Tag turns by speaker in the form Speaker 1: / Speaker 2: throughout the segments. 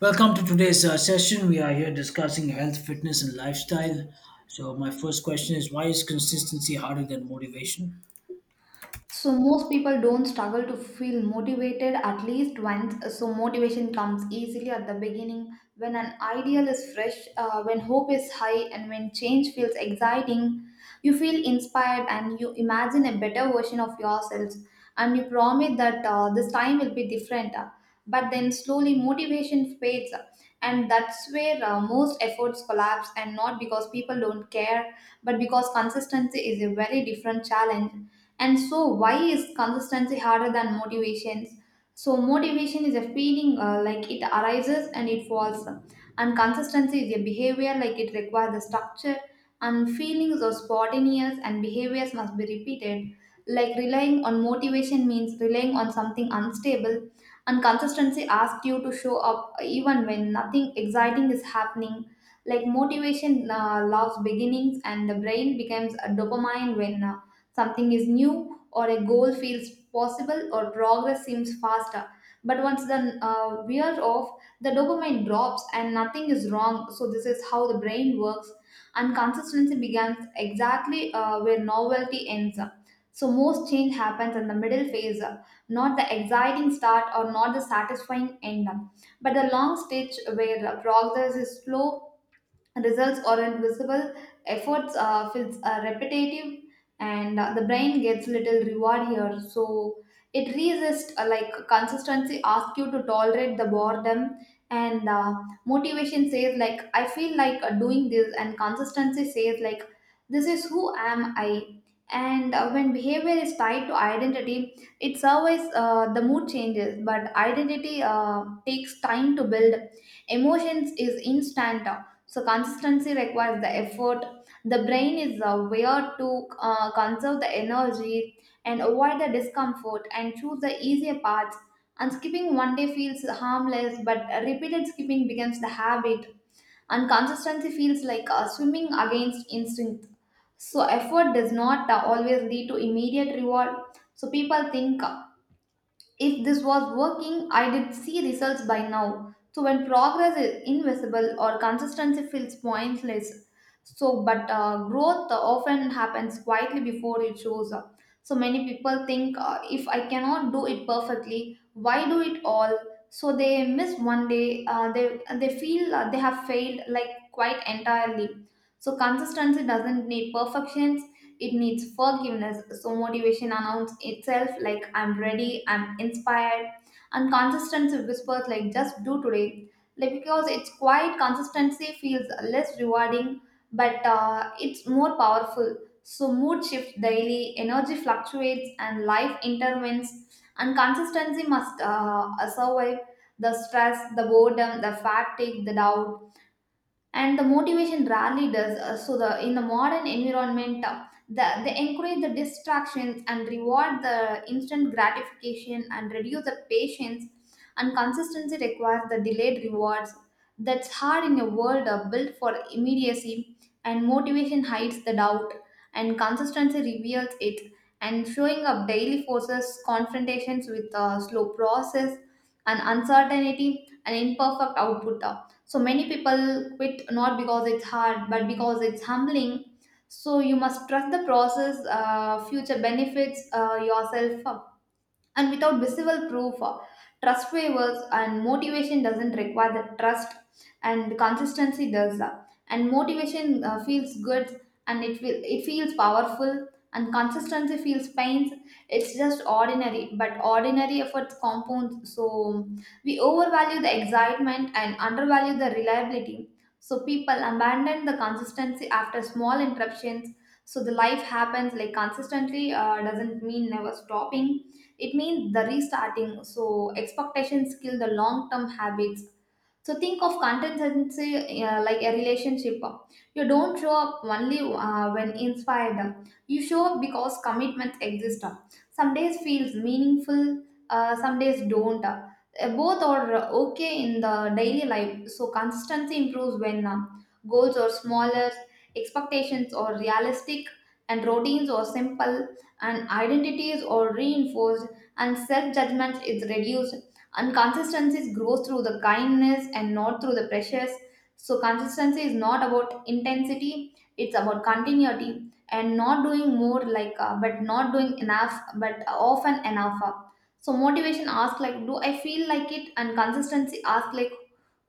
Speaker 1: Welcome to today's session. We are here discussing health, fitness, and lifestyle. So, my first question is, why is consistency harder than motivation?
Speaker 2: So most people don't struggle to feel motivated at least once. So motivation comes easily at the beginning when an ideal is fresh, when hope is high, and when change feels exciting. You feel inspired and you imagine a better version of yourself, and you promise that this time will be different. But then slowly motivation fades, and that's where most efforts collapse. And not because people don't care, but because consistency is a very different challenge. And so, why is consistency harder than motivations? So, motivation is a feeling, like it arises and it falls, and consistency is a behavior, like it requires the structure. And feelings are spontaneous, and behaviors must be repeated. Like relying on motivation means relying on something unstable, and consistency asks you to show up even when nothing exciting is happening. Like motivation loves beginnings, and the brain becomes a dopamine when something is new, or a goal feels possible, or progress seems faster. But once the wear off, the dopamine drops and nothing is wrong. So, this is how the brain works, and consistency begins exactly where novelty ends. Up. So, most change happens in the middle phase, not the exciting start or not the satisfying end, but the long stage where progress is slow, results are not visible, efforts feels repetitive, and the brain gets little reward here. So it resists, like consistency asks you to tolerate the boredom. And Motivation says like, I feel like doing this, and consistency says like this is who am I. And when behavior is tied to identity, it's always, the mood changes, but identity takes time to build. Emotions is instant, so consistency requires the effort. The brain is aware to conserve the energy and avoid the discomfort and choose the easier paths. And skipping one day feels harmless, but repeated skipping becomes the habit. And consistency feels like swimming against instinct. So effort does not always lead to immediate reward. So people think, if this was working, I did see results by now. So when progress is invisible or consistency feels pointless, so but growth often happens quietly before it shows up. So many people think, if I cannot do it perfectly, why do it all? So they miss one day. They feel they have failed like quite entirely. So consistency doesn't need perfection. It needs forgiveness. So motivation announces itself like, I'm ready, I'm inspired, and consistency whispers like, just do today. Like because it's quiet, consistency feels less rewarding, but it's more powerful. So mood shifts daily, energy fluctuates, and life intervenes. And consistency must survive the stress, the boredom, the fatigue, the doubt, and the motivation rarely does. So the in the modern environment, the, they encourage the distractions and reward the instant gratification and reduce the patience, and consistency requires the delayed rewards. That's hard in a world built for immediacy. And motivation hides the doubt, and consistency reveals it. And showing up daily forces confrontations with a slow process and uncertainty and imperfect output, so many people quit not because it's hard, but because it's humbling. So you must trust the process, future benefits, yourself, and without visible proof, trust waivers. And motivation doesn't require the trust, and consistency does, and motivation feels good, and it feels powerful, and consistency feels pains. It's just ordinary, but ordinary efforts compounds. So we overvalue the excitement and undervalue the reliability, so people abandon the consistency after small interruptions. So the life happens like, consistently doesn't mean never stopping, it means the restarting. So expectations kill the long term habits. So think of consistency like a relationship. You don't show up only when inspired. You show up because commitments exist. Some days feels meaningful, some days don't. Both are okay in the daily life. So consistency improves when goals are smaller, expectations are realistic, and routines are simple, and identities are reinforced, and self judgment is reduced, and consistency grows through the kindness and not through the pressures. So consistency is not about intensity; it's about continuity, and not doing more like, but not doing enough, but often enough, uh. So motivation asks like, do I feel like it? And consistency asks like,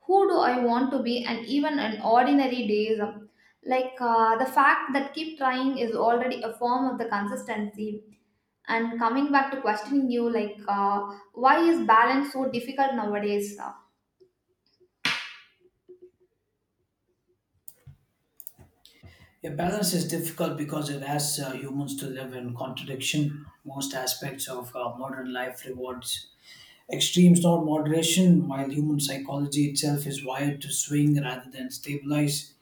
Speaker 2: who do I want to be? And even in ordinary days, like the fact that keep trying is already a form of the consistency. And coming back to questioning you, like, why is balance so difficult nowadays?
Speaker 1: Yeah, balance is difficult because it asks humans to live in contradiction. Most aspects of modern life rewards extremes, not moderation, while human psychology itself is wired to swing rather than stabilize.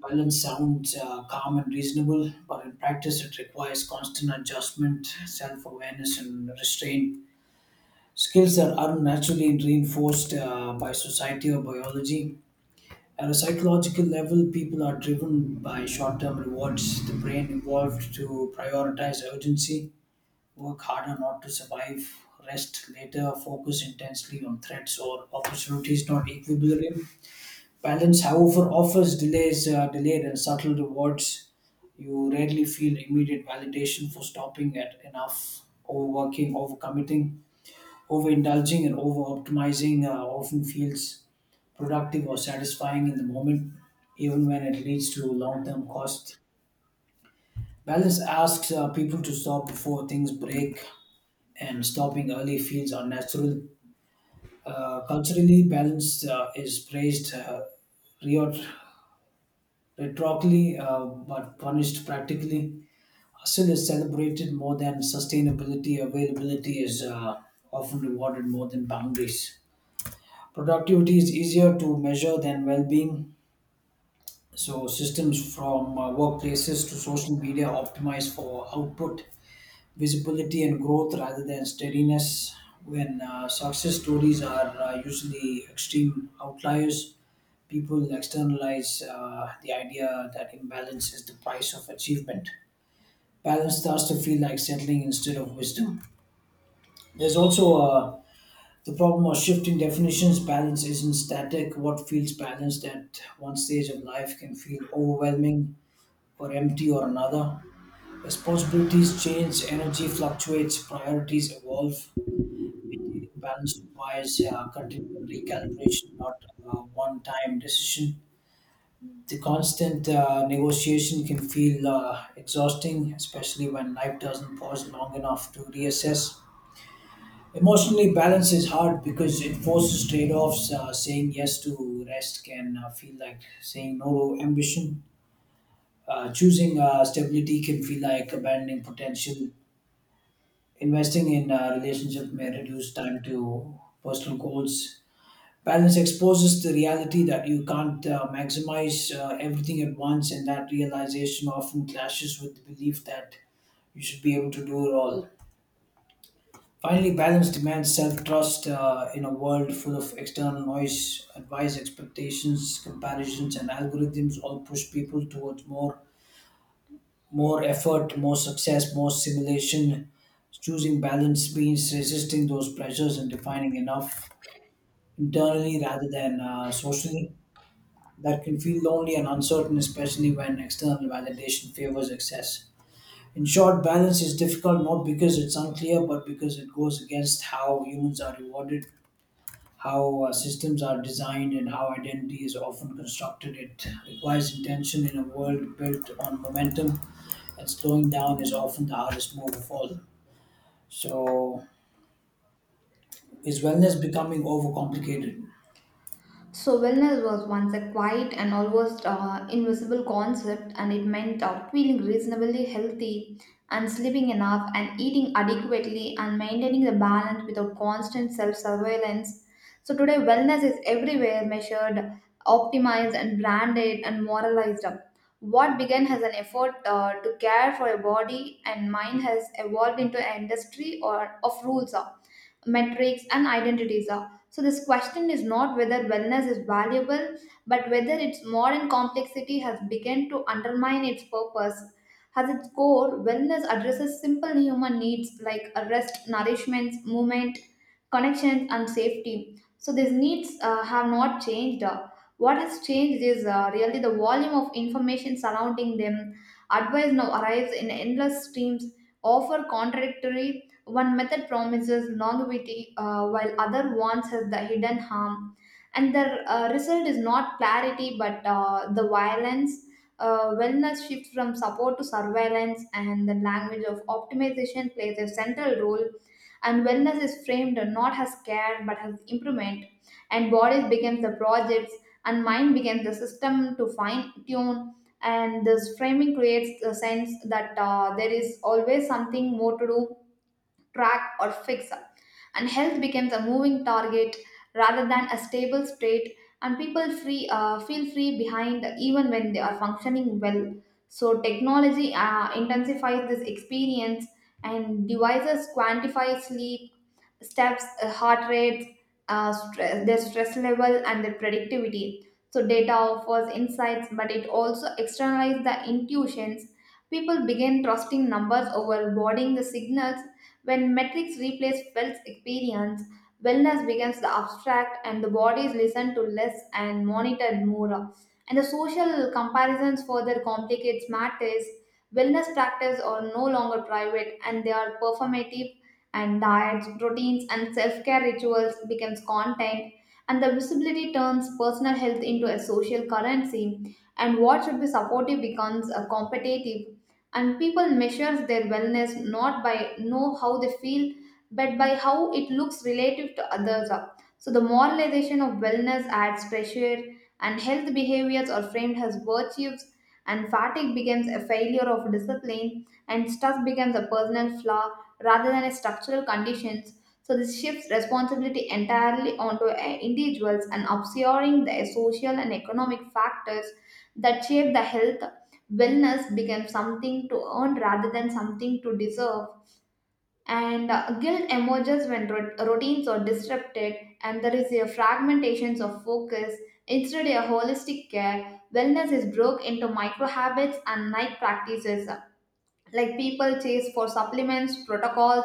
Speaker 1: Balance sounds calm and reasonable, but in practice, it requires constant adjustment, self awareness, and restraint skills that aren't naturally reinforced by society or biology. At a psychological level, people are driven by short term rewards. The brain evolved to prioritize urgency, work harder not to survive, rest later, focus intensely on threats or opportunities, not equilibrium. Balance, however, offers delayed and subtle rewards. You rarely feel immediate validation for stopping at enough, overworking, overcommitting, overindulging and over optimizing often feels productive or satisfying in the moment, even when it leads to long term cost. Balance asks people to stop before things break, and stopping early feels unnatural. Culturally, balance reot- rhetorically but punished practically. Hustle is celebrated more than sustainability. Availability is often rewarded more than boundaries. Productivity is easier to measure than well being, so systems from workplaces to social media optimize for output, visibility, and growth rather than steadiness. When success stories are usually extreme outliers, people externalize the idea that imbalance is the price of achievement. Balance starts to feel like settling instead of wisdom. There's also a The problem of shifting definitions: balance isn't static. What feels balanced at one stage of life can feel overwhelming or empty or another. Responsibilities change, energy fluctuates, priorities evolve. Keeping balance requires continual recalibration, not one time decision. The constant negotiation can feel exhausting, especially when life doesn't pause long enough to reassess. Emotionally, balance is hard because it forces trade offs. Saying yes to rest can feel like saying no to ambition. Choosing stability can feel like abandoning potential. Investing in a relationship may reduce time to personal goals. Balance exposes the reality that you can't maximize everything at once, and that realization often clashes with the belief that you should be able to do it all. Finally, balance demands self trust in a world full of external noise, advice, expectations, comparisons, and algorithms all push people towards more, more effort, more success, more simulation. Choosing balance means resisting those pressures and defining enough internally rather than socially. That can feel lonely and uncertain, especially when external validation favors excess. In short, balance is difficult not because it's unclear, but because it goes against how humans are rewarded, how systems are designed, and how identity is often constructed. It requires intention in a world built on momentum, and slowing down is often the hardest move of all. So, is wellness becoming overcomplicated?
Speaker 2: So, wellness was once a quiet and almost invisible concept, and it meant feeling reasonably healthy and sleeping enough and eating adequately and maintaining the balance without constant self surveillance. So, today, wellness is everywhere measured, optimized, and branded and moralized. Up. What began as an effort to care for a body and mind has evolved into an industry or of rules, metrics, and identities are. So, this question is not whether wellness is valuable, but whether its modern complexity has begun to undermine its purpose. At its core, wellness addresses simple human needs like a rest, nourishment, movement, connections, and safety. So, these needs have not changed. What has changed is really the volume of information surrounding them. Advice now arrives in endless streams, offer contradictory. One method promises longevity, while other wants us the hidden harm. And the result is not clarity, but the violence. Wellness shifts from support to surveillance, and the language of optimization plays a central role. And wellness is framed not as care, but as improvement. And bodies becomes the projects, and mind becomes the system to fine tune. And this framing creates the sense that there is always something more to do, track, or fix. And health becomes a moving target rather than a stable state, and people free feel free behind even when they are functioning well. So technology intensifies this experience, and devices quantify sleep, steps, heart rates, stress, their stress level, and their productivity. So data offers insights, but it also externalizes the intuitions. People begin trusting numbers over boarding the signals. When metrics replace felt experience, wellness becomes the abstract and the body is listened to less and monitored more. And the social comparisons further complicates matters. Wellness practices are no longer private and they are performative, and diets, routines and self-care rituals becomes content, and the visibility turns personal health into a social currency, and what should be supportive becomes a competitive, and people measure their wellness not by know how they feel, but by how it looks relative to others up So the moralization of wellness adds pressure, and health behaviors are framed as virtues, and fatigue becomes a failure of discipline, and stress becomes a personal flaw rather than a structural conditions. So this shifts responsibility entirely onto individuals and obscuring the social and economic factors that shape the health. Wellness becomes something to earn rather than something to deserve. And guilt emerges when routines are disrupted, and there is a fragmentation of focus. Instead, of a holistic care, wellness is broke into micro habits and night practices, like people chase for supplements protocols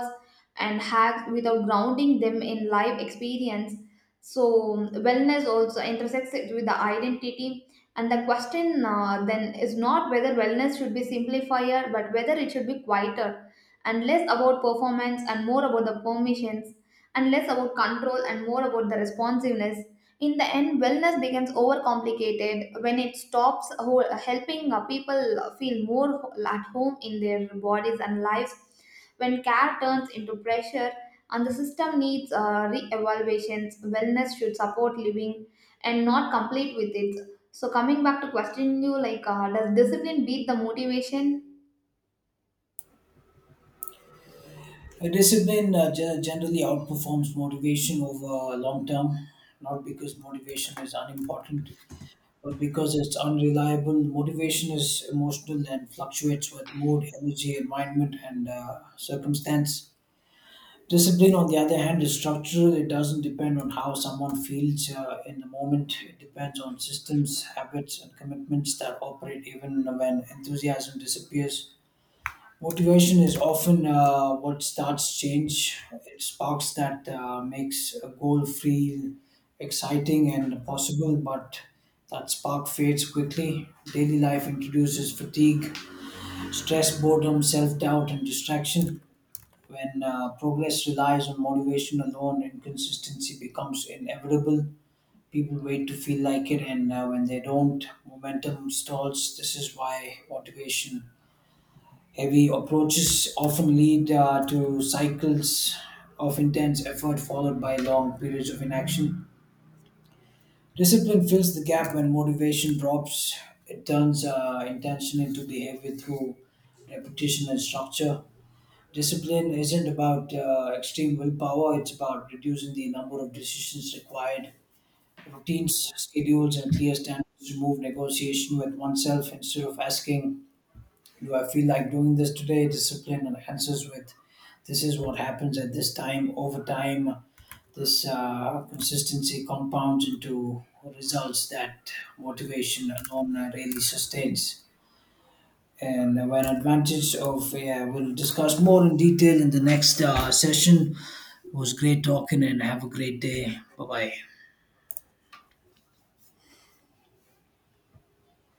Speaker 2: and hacks without grounding them in live experience. So wellness also intersects it with the identity, and the question, then is not whether wellness should be simplifier but whether it should be quieter, and less about performance and more about the permissions, and less about control and more about the responsiveness. In the end, wellness becomes overcomplicated when it stops helping people feel more at home in their bodies and lives, when care turns into pressure and the system needs re-evaluations. Wellness should support living and not complete with it. So coming back to questioning you, like, does discipline beat the motivation?
Speaker 1: A discipline gen- generally outperforms motivation over long term, not because motivation is unimportant, but because it's unreliable. Motivation is emotional and fluctuates with mood, energy, environment, and circumstance. Discipline, on the other hand, is structural. It doesn't depend on how someone feels in the moment. It depends on systems, habits, and commitments that operate even when enthusiasm disappears. Motivation is often what starts change. It sparks that makes a goal feel exciting and possible, but that spark fades quickly. Daily life introduces fatigue, stress, boredom, self doubt, and distraction. When progress relies on motivation alone, inconsistency becomes inevitable. People wait to feel like it, and when they don't, momentum stalls. This is why motivation heavy approaches often lead to cycles of intense effort followed by long periods of inaction. Discipline fills the gap when motivation drops. It turns intention into behavior through repetition and structure. Discipline isn't about extreme willpower, it's about reducing the number of decisions required. Routines, schedules, and clear standards remove negotiation with oneself. Instead of asking, do I feel like doing this today, discipline enhances with, this is what happens at this time. Over time, this consistency compounds into results that motivation alone really sustains. And when advantage of, yeah, we'll discuss more in detail in the next session. It was great talking and have a great day. Bye bye.